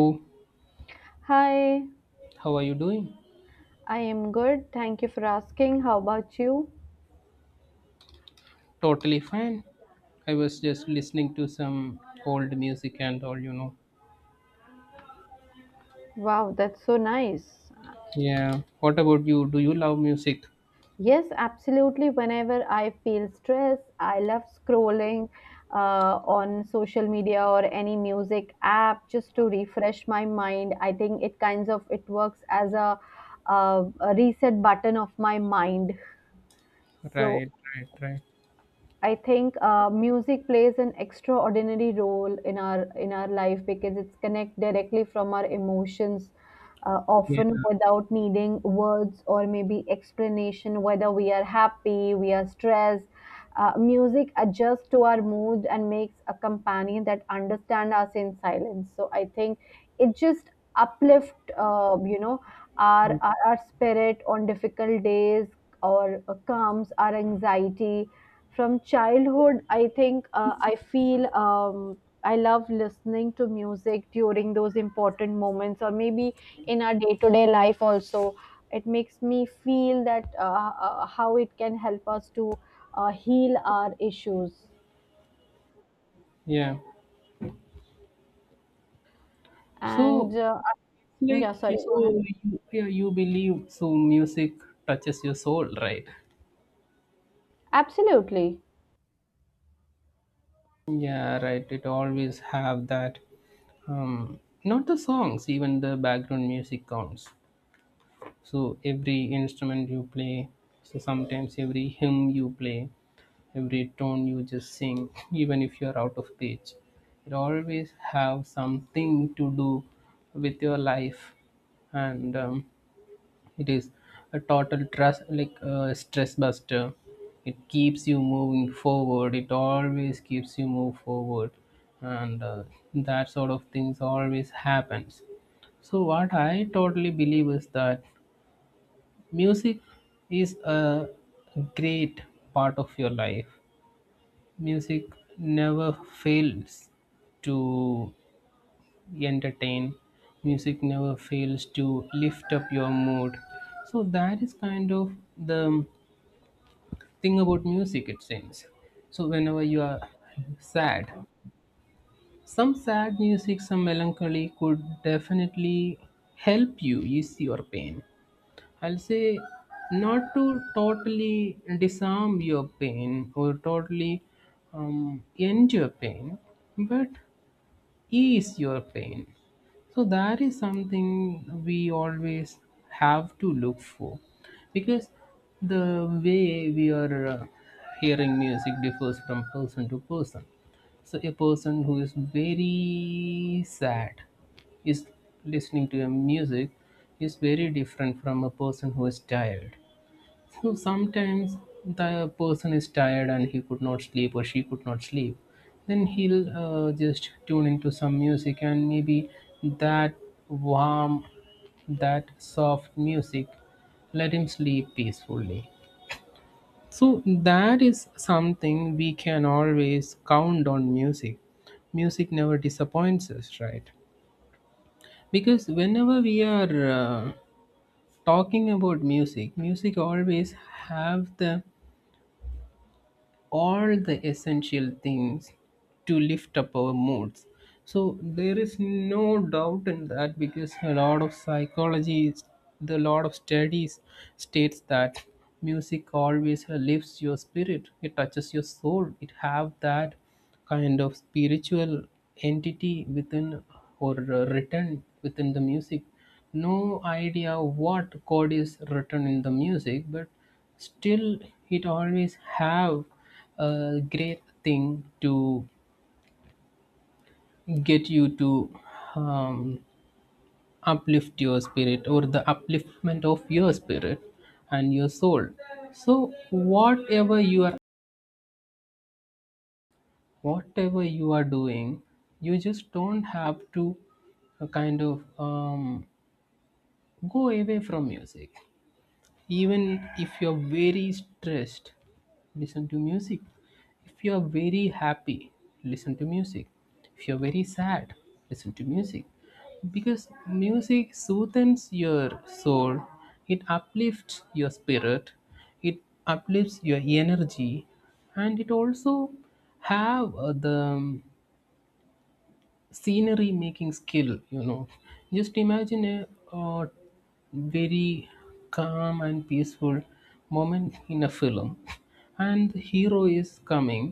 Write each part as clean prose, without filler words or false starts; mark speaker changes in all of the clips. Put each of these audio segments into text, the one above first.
Speaker 1: Oh,
Speaker 2: Hi,
Speaker 1: how are you doing?
Speaker 2: I am good. Thank you for asking. How about you?
Speaker 1: Totally fine. I was just listening to some old music and all.
Speaker 2: Wow, that's so nice.
Speaker 1: Yeah. What about you? Do you love music?
Speaker 2: Yes, absolutely. Whenever I feel stressed, I love scrolling on social media or any music app just to refresh my mind. I think it kinds of it works as a reset button of my mind. So
Speaker 1: Right, right, right.
Speaker 2: I think music plays an extraordinary role in our life because it's connect directly from our emotions,
Speaker 1: Yeah,
Speaker 2: often without needing words or maybe explanation. Whether we are happy, we are stressed, music adjusts to our mood and makes a companion that understand us in silence. So I think it just uplift, our spirit on difficult days or calms our anxiety from childhood. I think I feel I love listening to music during those important moments, or maybe in our day to day life also. It makes me feel that how it can help us to heal our issues.
Speaker 1: yeah.
Speaker 2: And
Speaker 1: So, like,
Speaker 2: yeah, sorry, go ahead.
Speaker 1: so you believe so music touches your soul, right?
Speaker 2: Absolutely.
Speaker 1: Yeah, right. It always have that. Um, Not the songs, even the background music counts. So every instrument you play, so sometimes every hymn you play, every tone you just sing, even if you're out of pitch, it always have something to do with your life, and it is a total trust, like a stress buster. It keeps you moving forward. It always keeps you move forward, and that sort of things always happens. So what I totally believe is that music is a great part of your life. Music never fails to entertain. Music never fails to lift up your mood. So that is kind of the thing about music, it seems. So whenever you are sad, some sad music, some melancholy could definitely help you ease your pain. I'll say not to totally disarm your pain or totally end your pain, but ease your pain. So that is something we always have to look for because the way we are hearing music differs from person to person. So a person who is very sad is listening to a music is very different from a person who is tired. So sometimes the person is tired and he could not sleep or she could not sleep. Then he'll just tune into some music and maybe that warm, that soft music let him sleep peacefully. So that is something we can always count on music. Music never disappoints us, right? Because whenever we are talking about music, music always have the all the essential things to lift up our moods. So there is no doubt in that, because a lot of psychology, the lot of studies states that music always lifts your spirit, it touches your soul, it have that kind of spiritual entity within, or written within the music. No idea what code is written in the music, but still it always have a great thing to get you to um, uplift your spirit, or the upliftment of your spirit and your soul. So whatever you are, whatever you are doing, you just don't have to uh, kind of um, go away from music. Even if you're very stressed, listen to music. If you're very happy, listen to music. If you're very sad, listen to music. Because music soothes your soul, it uplifts your spirit, it uplifts your energy, and it also have the scenery making skill, you know. Just imagine a, uh very calm and peaceful moment in a film, and the hero is coming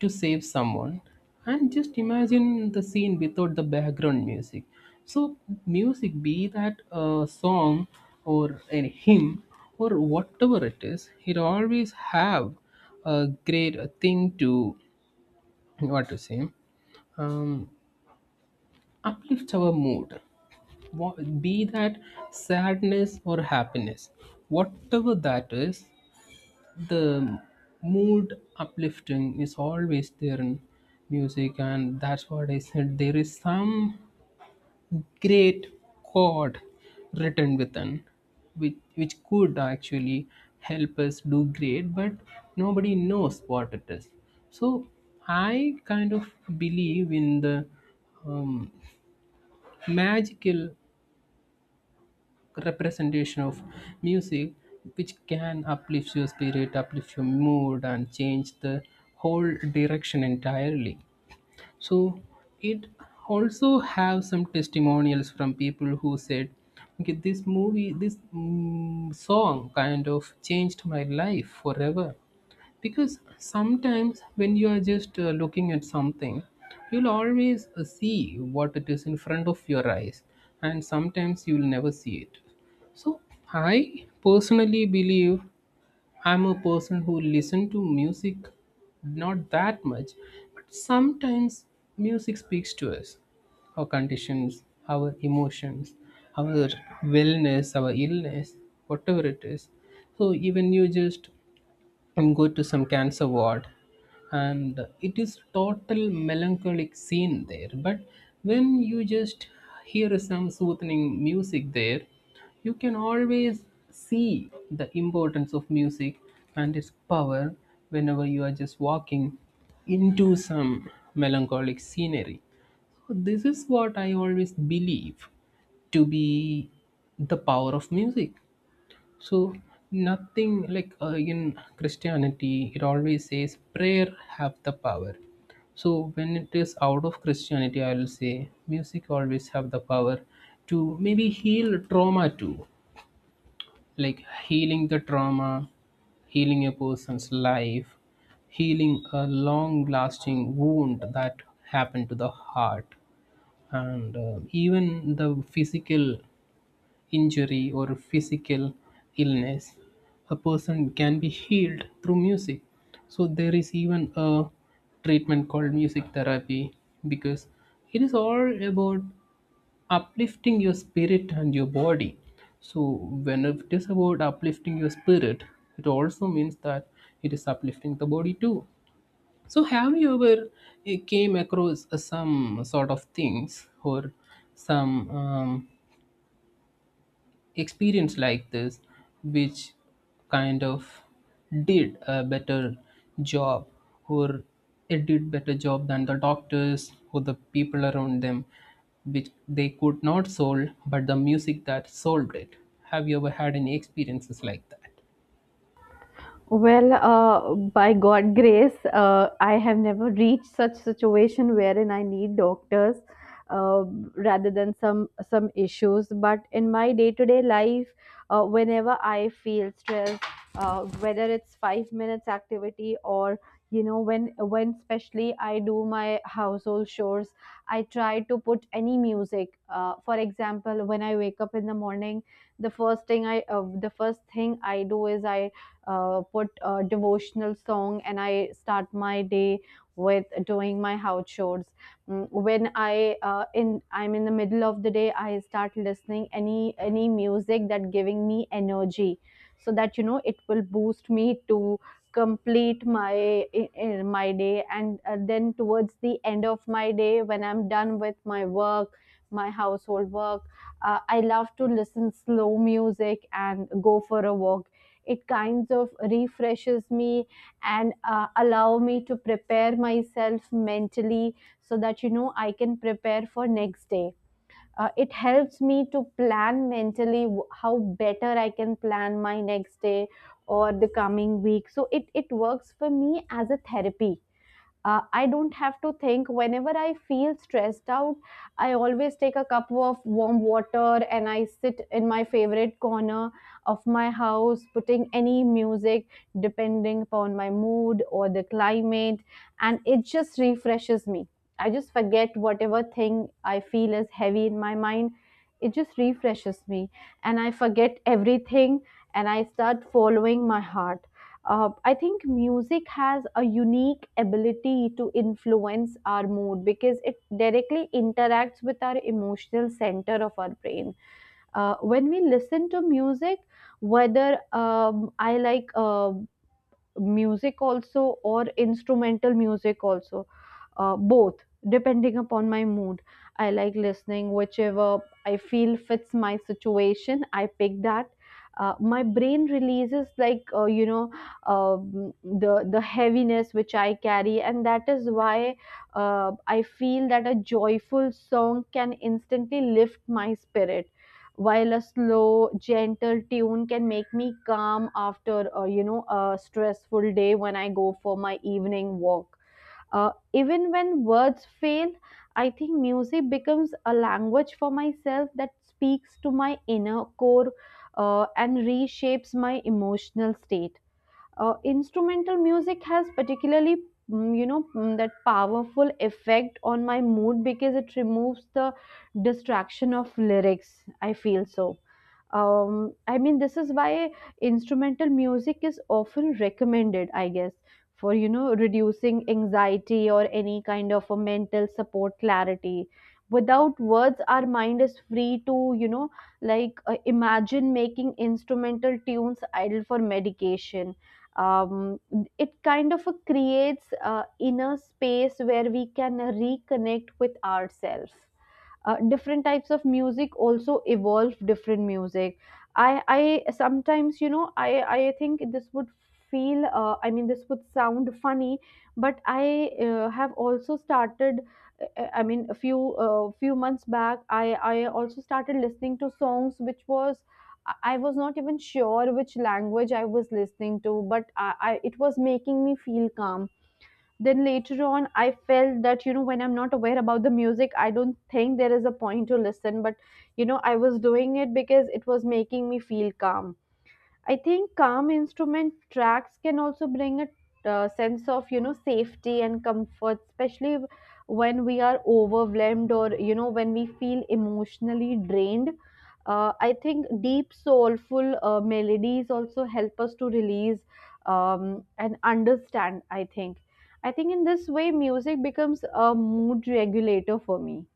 Speaker 1: to save someone, and just imagine the scene without the background music. So music, be that a song or a hymn or whatever it is, it always have a great thing to, what to say, um, uplift our mood. Wha- be that sadness or happiness, whatever that is, the mood uplifting is always there in music. And that's what I said, there is some great chord written within, which could actually help us do great, but nobody knows what it is. So I kind of believe in the um, magical representation of music, which can uplift your spirit, uplift your mood, and change the whole direction entirely. So it also have some testimonials from people who said, okay, this movie, this song kind of changed my life forever. Because sometimes when you are just looking at something, you'll always see what it is in front of your eyes, and sometimes you'll never see it. So I personally believe, I'm a person who listen to music, not that much, but sometimes music speaks to us, our conditions, our emotions, our wellness, our illness, whatever it is. So even you just and go to some cancer ward, and it is total melancholic scene there, but when you just hear some soothing music there, you can always see the importance of music and its power whenever you are just walking into some melancholic scenery. So this is what I always believe to be the power of music. So nothing like in Christianity, it always says prayer have the power. So when it is out of Christianity, I will say music always have the power to maybe heal trauma too, like healing the trauma, healing a person's life, healing a long-lasting wound that happened to the heart, and even the physical injury or physical illness, a person can be healed through music. So there is even a treatment called music therapy, because it is all about uplifting your spirit and your body. So when it is about uplifting your spirit, it also means that it is uplifting the body too. So have you ever came across some sort of things or some experience like this which kind of did a better job, or it did better job than the doctors or the people around them, which they could not solve but the music that solved it? Have you ever had any experiences like that?
Speaker 2: Well, by God grace, I have never reached such situation wherein I need doctors, uh, rather than some issues. But in my day to day life, whenever I feel stressed, whether it's 5 minutes activity or when especially I do my household chores, I try to put any music. For example, when I wake up in the morning, the first thing I do is I put a devotional song and I start my day with doing my house chores. When I'm in the middle of the day, I start listening any music that giving me energy, so that it will boost me to complete my day. And then towards the end of my day, when I'm done with my work, my household work, I love to listen slow music and go for a walk. It kinds of refreshes me and allow me to prepare myself mentally, so that I can prepare for next day. It helps me to plan mentally, how better I can plan my next day or the coming week. So it works for me as a therapy. I don't have to think. Whenever I feel stressed out, I always take a cup of warm water and I sit in my favorite corner of my house, putting any music depending upon my mood or the climate, and it just refreshes me. I just forget whatever thing I feel is heavy in my mind. It just refreshes me, and I forget everything and I start following my heart. I think music has a unique ability to influence our mood because it directly interacts with our emotional center of our brain. When we listen to music, whether I like music also or instrumental music also, both depending upon my mood, I like listening whichever I feel fits my situation, I pick that. My brain releases, like, um, the heaviness which I carry, and that is why I feel that a joyful song can instantly lift my spirit, while a slow, gentle tune can make me calm after a stressful day when I go for my evening walk. Even when words fail, I think music becomes a language for myself that speaks to my inner core, and reshapes my emotional state. Instrumental music has particularly that powerful effect on my mood because it removes the distraction of lyrics, I feel so. I mean, this is why instrumental music is often recommended, I guess, for reducing anxiety or any kind of a mental support clarity. Without words, our mind is free to like imagine, making instrumental tunes idle for medication. um, it kind of creates inner space where we can reconnect with ourselves. Different types of music also evolve different music. I sometimes, I think this would feel, I mean, this would sound funny, but I have also started. I mean, a few months back, I also started listening to songs which was... I was not even sure which language I was listening to, but I it was making me feel calm. Then later on, I felt that when I'm not aware about the music, I don't think there is a point to listen. But I was doing it because it was making me feel calm. I think calm instrument tracks can also bring a sense of safety and comfort, especially when we are overwhelmed or when we feel emotionally drained. I think deep soulful melodies also help us to release and understand. I think in this way music becomes a mood regulator for me.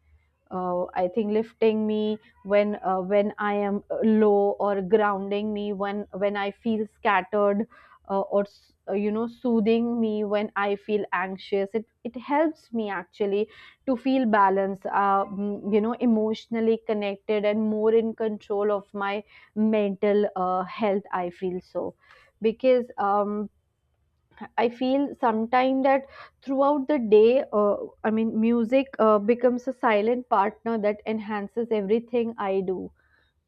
Speaker 2: I think lifting me when I am low, or grounding me when I feel scattered, or soothing me when I feel anxious. It helps me actually to feel balanced, emotionally connected and more in control of my mental health. I feel so because. I feel sometime that throughout the day, I mean, music becomes a silent partner that enhances everything I do,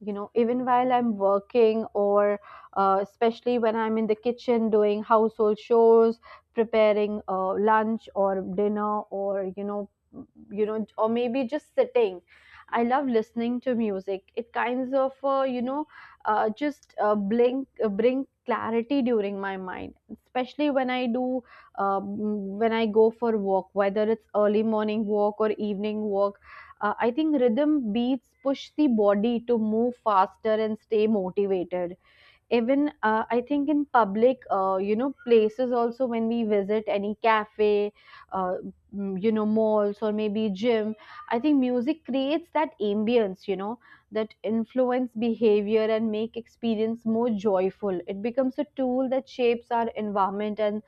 Speaker 2: even while I'm working, or especially when I'm in the kitchen doing household chores, preparing lunch or dinner, or or maybe just sitting, I love listening to music. It kinds of, just, blink bring clarity during my mind, especially when I do um, when I go for walk, whether it's early morning walk or evening walk. I think rhythm beats push the body to move faster and stay motivated. Even, I think, in public, places also, when we visit any cafe, uh, malls, or maybe gym, I think music creates that ambience, that influence behavior and make experience more joyful. It becomes a tool that shapes our environment and,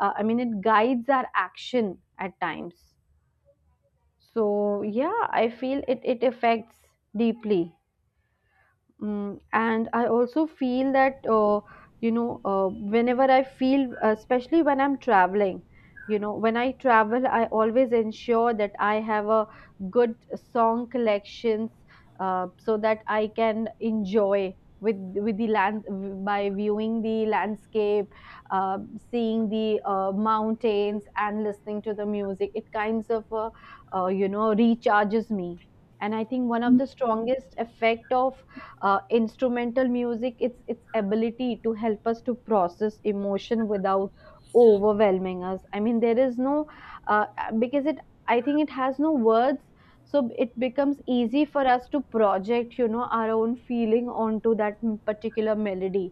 Speaker 2: I mean, it guides our action at times. So yeah, I feel it affects deeply. And I also feel that, whenever I feel, especially when I'm traveling, when I travel, I always ensure that I have a good song collections, so that I can enjoy with with the land by viewing the landscape, uh, seeing the mountains, and listening to the music. It kinds of, recharges me. And I think one of the strongest effect of instrumental music, its ability to help us to process emotion without overwhelming us, I mean, there is no. uh, because it, I think, it has no words, so it becomes easy for us to project our own feeling onto that particular melody.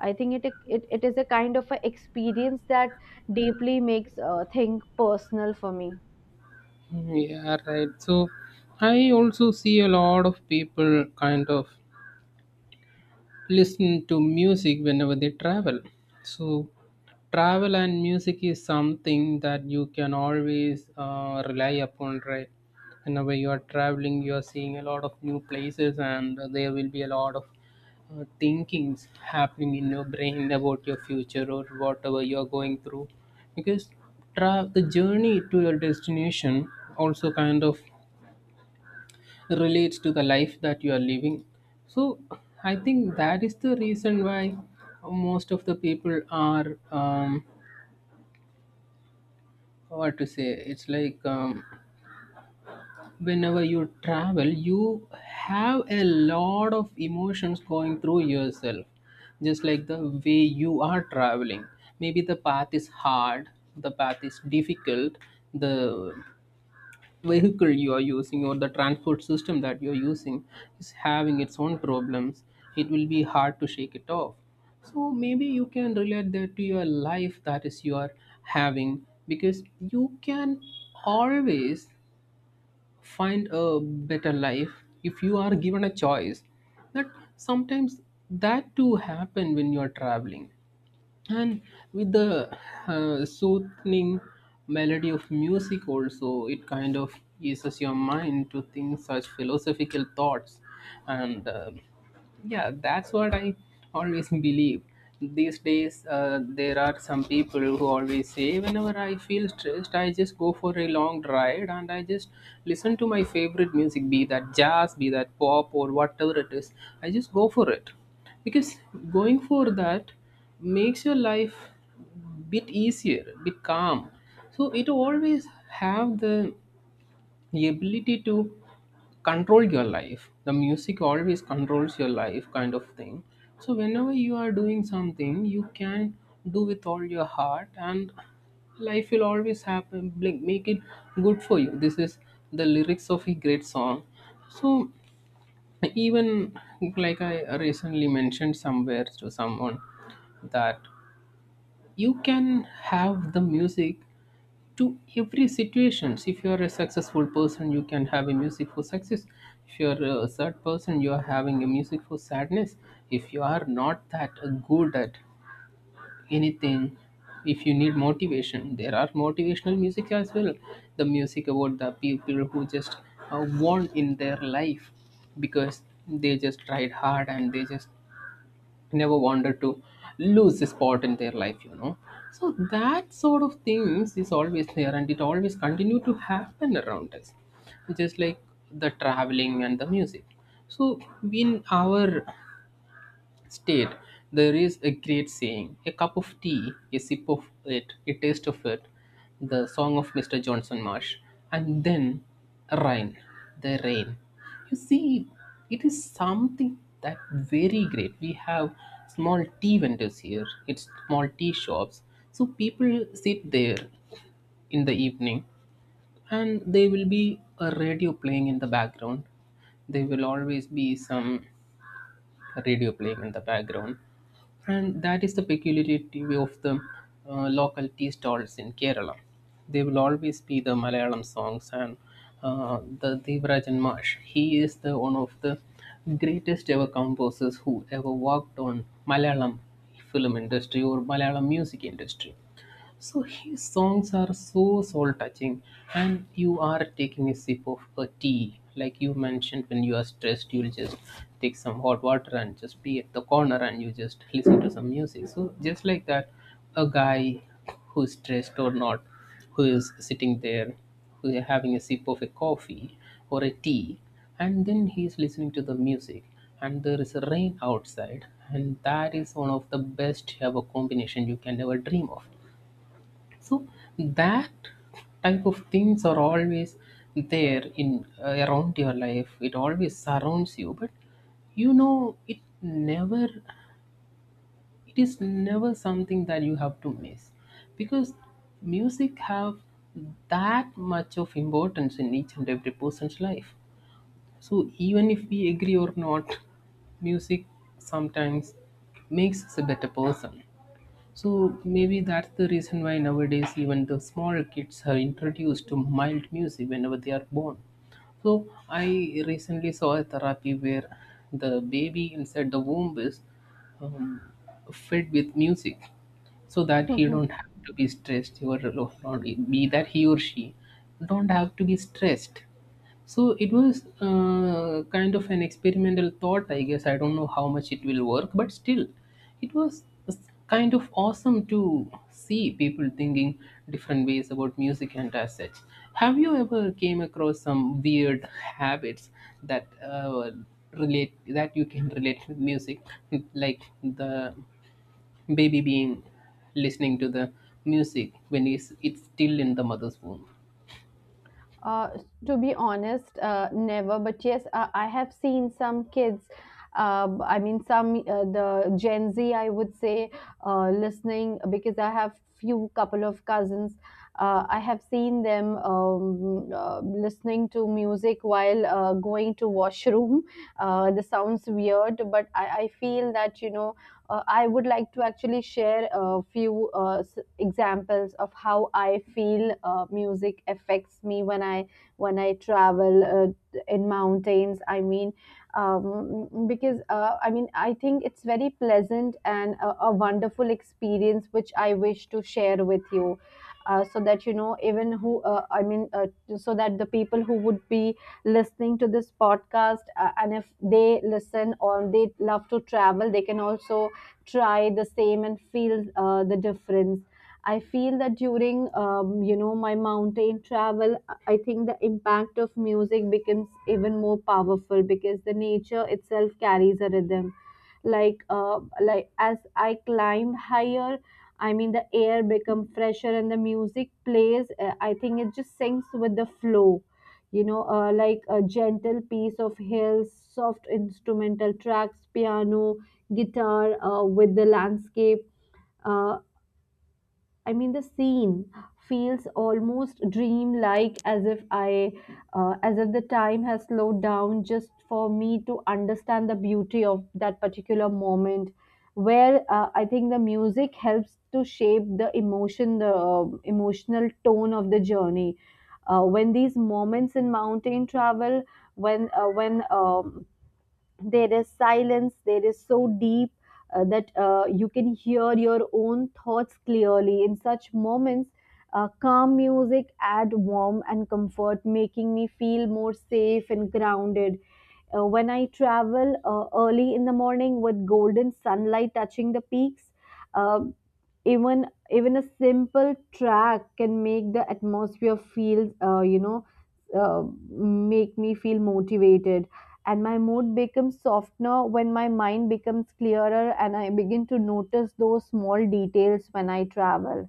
Speaker 2: I think it is a kind of a experience that deeply makes thing personal for me.
Speaker 1: Yeah, right. So I also see a lot of people kind of listen to music whenever they travel. So, travel and music is something that you can always rely upon, right? Whenever you are traveling, you are seeing a lot of new places, and there will be a lot of thinkings happening in your brain about your future or whatever you are going through. Because the journey to your destination also kind of relates to the life that you are living. So I think that is the reason why most of the people are what to say. It's like whenever you travel, you have a lot of emotions going through yourself, just like the way you are traveling. Maybe the path is hard, the path is difficult, the vehicle you are using or the transport system that you're using is having its own problems. It will be hard to shake it off. So maybe you can relate that to your life that is you are having, because you can always find a better life if you are given a choice. That sometimes that too happen when you are traveling, and with the soothing melody of music also, it kind of eases your mind to think such philosophical thoughts, and yeah, that's what I always believe. These days there are some people who always say, whenever I feel stressed, I just go for a long ride and I just listen to my favorite music, be that jazz, be that pop, or whatever it is, I just go for it. Because going for that makes your life bit easier, bit calm. So it always have the ability to control your life, the music always controls your life, kind of thing. So whenever you are doing something, you can do with all your heart, and life will always happen, like, make it good for you. This is the lyrics of a great song. So even like I recently mentioned somewhere to someone that you can have the music to every situations. If you are a successful person, you can have a music for success. If you are a sad person, you are having a music for sadness. If you are not that good at anything, if you need motivation, there are motivational music as well. The music about the people who just won in their life, because they just tried hard and they just never wanted to lose a spot in their life, you know. So that sort of things is always there, and it always continue to happen around us, just like the traveling and the music. So in our state, there is a great saying: a cup of tea, a sip of it, a taste of it, the song of Mr. Johnson Marsh, and then rain, the rain. You see, it is something that very great. We have small tea vendors here, it's small tea shops. So people sit there in the evening, and there will be a radio playing in the background. There will always be some radio playing in the background. And that is the peculiarity of the local tea stalls in Kerala. They will always be the Malayalam songs, and the Devarajan Marsh. He is the one of the greatest ever composers who ever worked on Malayalam film industry or Malayalam music industry. So his songs are so soul touching, and you are taking a sip of a tea. Like you mentioned, when you are stressed, you'll just take some hot water and just be at the corner and you just listen to some music. So, just like that, a guy who's stressed or not, who is sitting there, who is having a sip of a coffee or a tea, and then he's listening to the music, and there is a rain outside, and that is one of the best ever combination you can ever dream of, so that type of things are always there in around your life. It always surrounds you, but it never. It is never something that you have to miss, because music have that much of importance in each and every person's life. So even if we agree or not, music sometimes makes us a better person. So maybe that's the reason why nowadays even the small kids are introduced to mild music whenever they are born. So I recently saw a therapy where the baby inside the womb is um, fed with music so that he don't have to be stressed or not be that he or she don't have to be stressed. So it was kind of an experimental thought, I guess. I don't know how much it will work, but still it was kind of awesome to see people thinking different ways about music. And as such, have you ever came across some weird habits that relate that you can relate with music? Like the baby being listening to the music when it's still in the mother's womb.
Speaker 2: Uh, to be honest, never. But yes, I have seen some kids. I mean, some the Gen Z, I would say, listening, because I have few couple of cousins. I have seen them listening to music while going to washroom. This sounds weird, but I feel that I would like to actually share a few examples of how I feel music affects me when I travel in mountains. I mean, because I mean, I think it's very pleasant and a wonderful experience which I wish to share with you. So that even who I mean, so that the people who would be listening to this podcast, and if they listen, or they love to travel, they can also try the same and feel the difference. I feel that during my mountain travel, I think the impact of music becomes even more powerful because the nature itself carries a rhythm, like as I climb higher, I mean, the air become fresher and the music plays. I think it just syncs with the flow, like a gentle piece of hills, soft instrumental tracks, piano, guitar, with the landscape. Uh, I mean, the scene feels almost dreamlike, as if the time has slowed down just for me to understand the beauty of that particular moment. Where, I think, the music helps to shape the emotion, the emotional tone of the journey. When these moments in mountain travel, when there is silence, there is so deep, that you can hear your own thoughts clearly in such moments. Calm music add warmth and comfort, making me feel more safe and grounded. When I travel early in the morning with golden sunlight touching the peaks, uh, even even a simple track can make the atmosphere feel, uh, make me feel motivated, and my mood becomes softer, when my mind becomes clearer and I begin to notice those small details when I travel: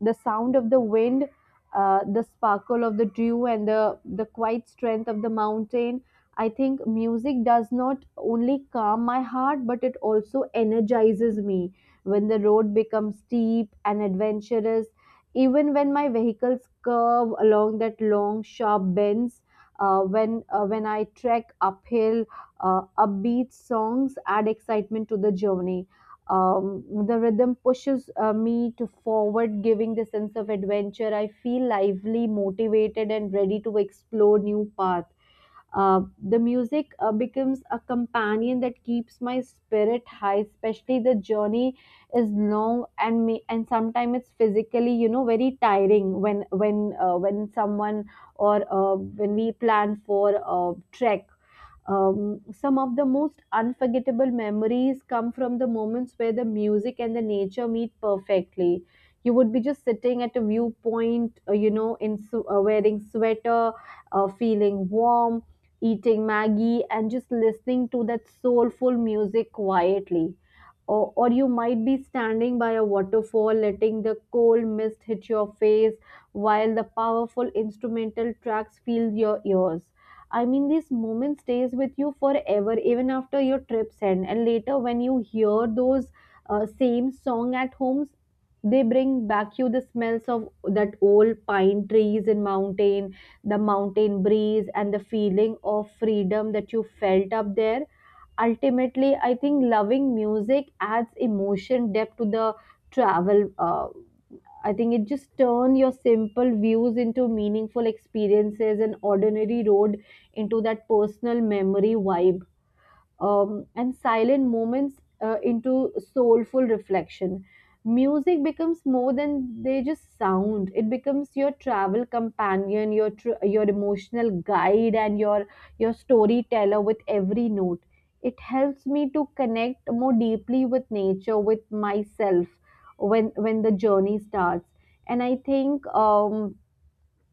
Speaker 2: the sound of the wind, the sparkle of the dew, and the quiet strength of the mountain. I think music does not only calm my heart, but it also energizes me when the road becomes steep and adventurous. Even when my vehicles curve along that long, sharp bends, when I trek uphill, upbeat songs add excitement to the journey. The rhythm pushes me to forward, giving the sense of adventure. I feel lively, motivated and ready to explore new paths. uh, the music becomes a companion that keeps my spirit high, especially the journey is long and and sometimes it's physically very tiring when someone, or when we plan for a trek. Some of the most unforgettable memories come from the moments where the music and the nature meet perfectly. You would be just sitting at a viewpoint, in wearing sweater, feeling warm, eating Maggie, and just listening to that soulful music quietly. Or, you might be standing by a waterfall, letting the cold mist hit your face while the powerful instrumental tracks fill your ears. I mean, this moment stays with you forever, even after your trips end. And later, when you hear those same song at homes, they bring back you the smells of that old pine trees and mountain, the mountain breeze, and the feeling of freedom that you felt up there. Ultimately, I think loving music adds emotion depth to the travel. I think it just turn your simple views into meaningful experiences, and ordinary road into that personal memory vibe, and silent moments into soulful reflection. Music becomes more than they just sound. It becomes your travel companion, your your emotional guide, and your storyteller with every note. It helps me to connect more deeply with nature, with myself, when the journey starts. And I think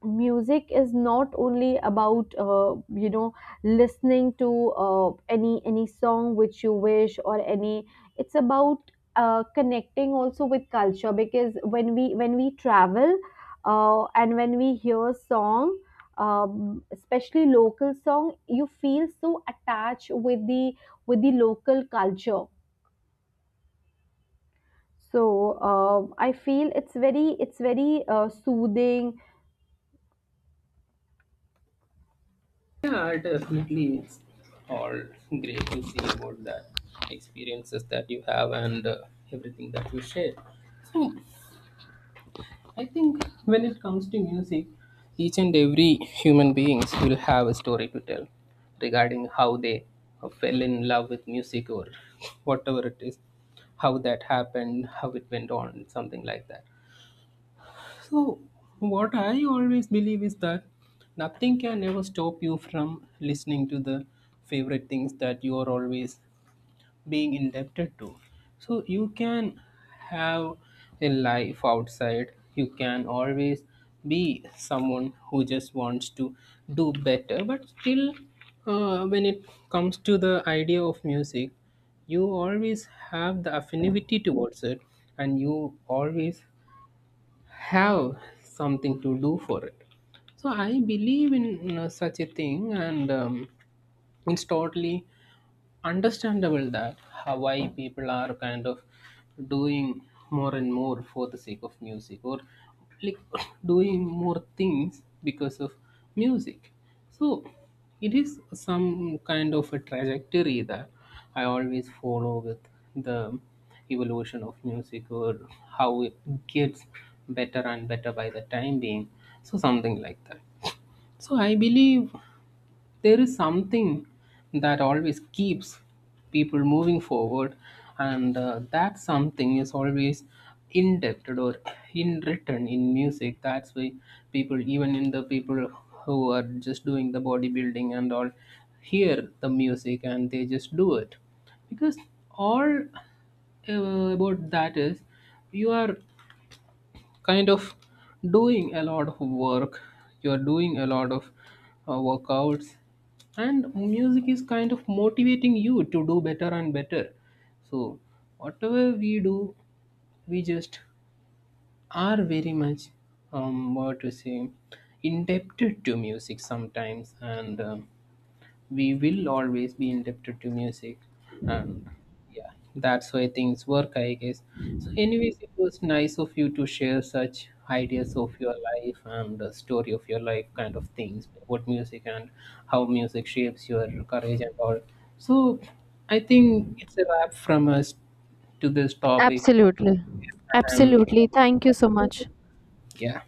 Speaker 2: music is not only about listening to any song which you wish, or any it's about connecting also with culture, because when we travel and when we hear song, especially local song, you feel so attached with the local culture. So I feel it's very, soothing.
Speaker 1: Yeah, definitely. It's all great to see about that experiences that you have and everything that you share. So, I think when it comes to music, each and every human beings will have a story to tell regarding how they fell in love with music or whatever it is, how that happened, how it went on, something like that. So, what I always believe is that nothing can ever stop you from listening to the favorite things that you are always being indebted to. So, you can have a life outside, you can always be someone who just wants to do better, but still, when it comes to the idea of music, you always have the affinity towards it and you always have something to do for it. So I believe in, you know, such a thing, and it's totally understandable that Hawaii people are kind of doing more and more for the sake of music or like doing more things because of music. So it is some kind of a trajectory that I always follow with the evolution of music or how it gets better and better by the time being. So something like that. So I believe there is something that always keeps people moving forward, and that something is always indebted or in written in music. That's why people, even in the people who are just doing the bodybuilding and all, hear the music and they just do it, because all uh, about that is you are kind of doing a lot of work, you're doing a lot of workouts, and music is kind of motivating you to do better and better. So whatever we do, we just are very much, what to say, indebted to music sometimes, and we will always be indebted to music. And yeah, that's why things work, I guess. So anyways, it was nice of you to share such ideas of your life and the story of your life kind of things, what music and how music shapes your courage and all. So I think it's a wrap from us to this topic.
Speaker 2: Absolutely.
Speaker 1: And
Speaker 2: Absolutely. Thank you so much.
Speaker 1: yeah.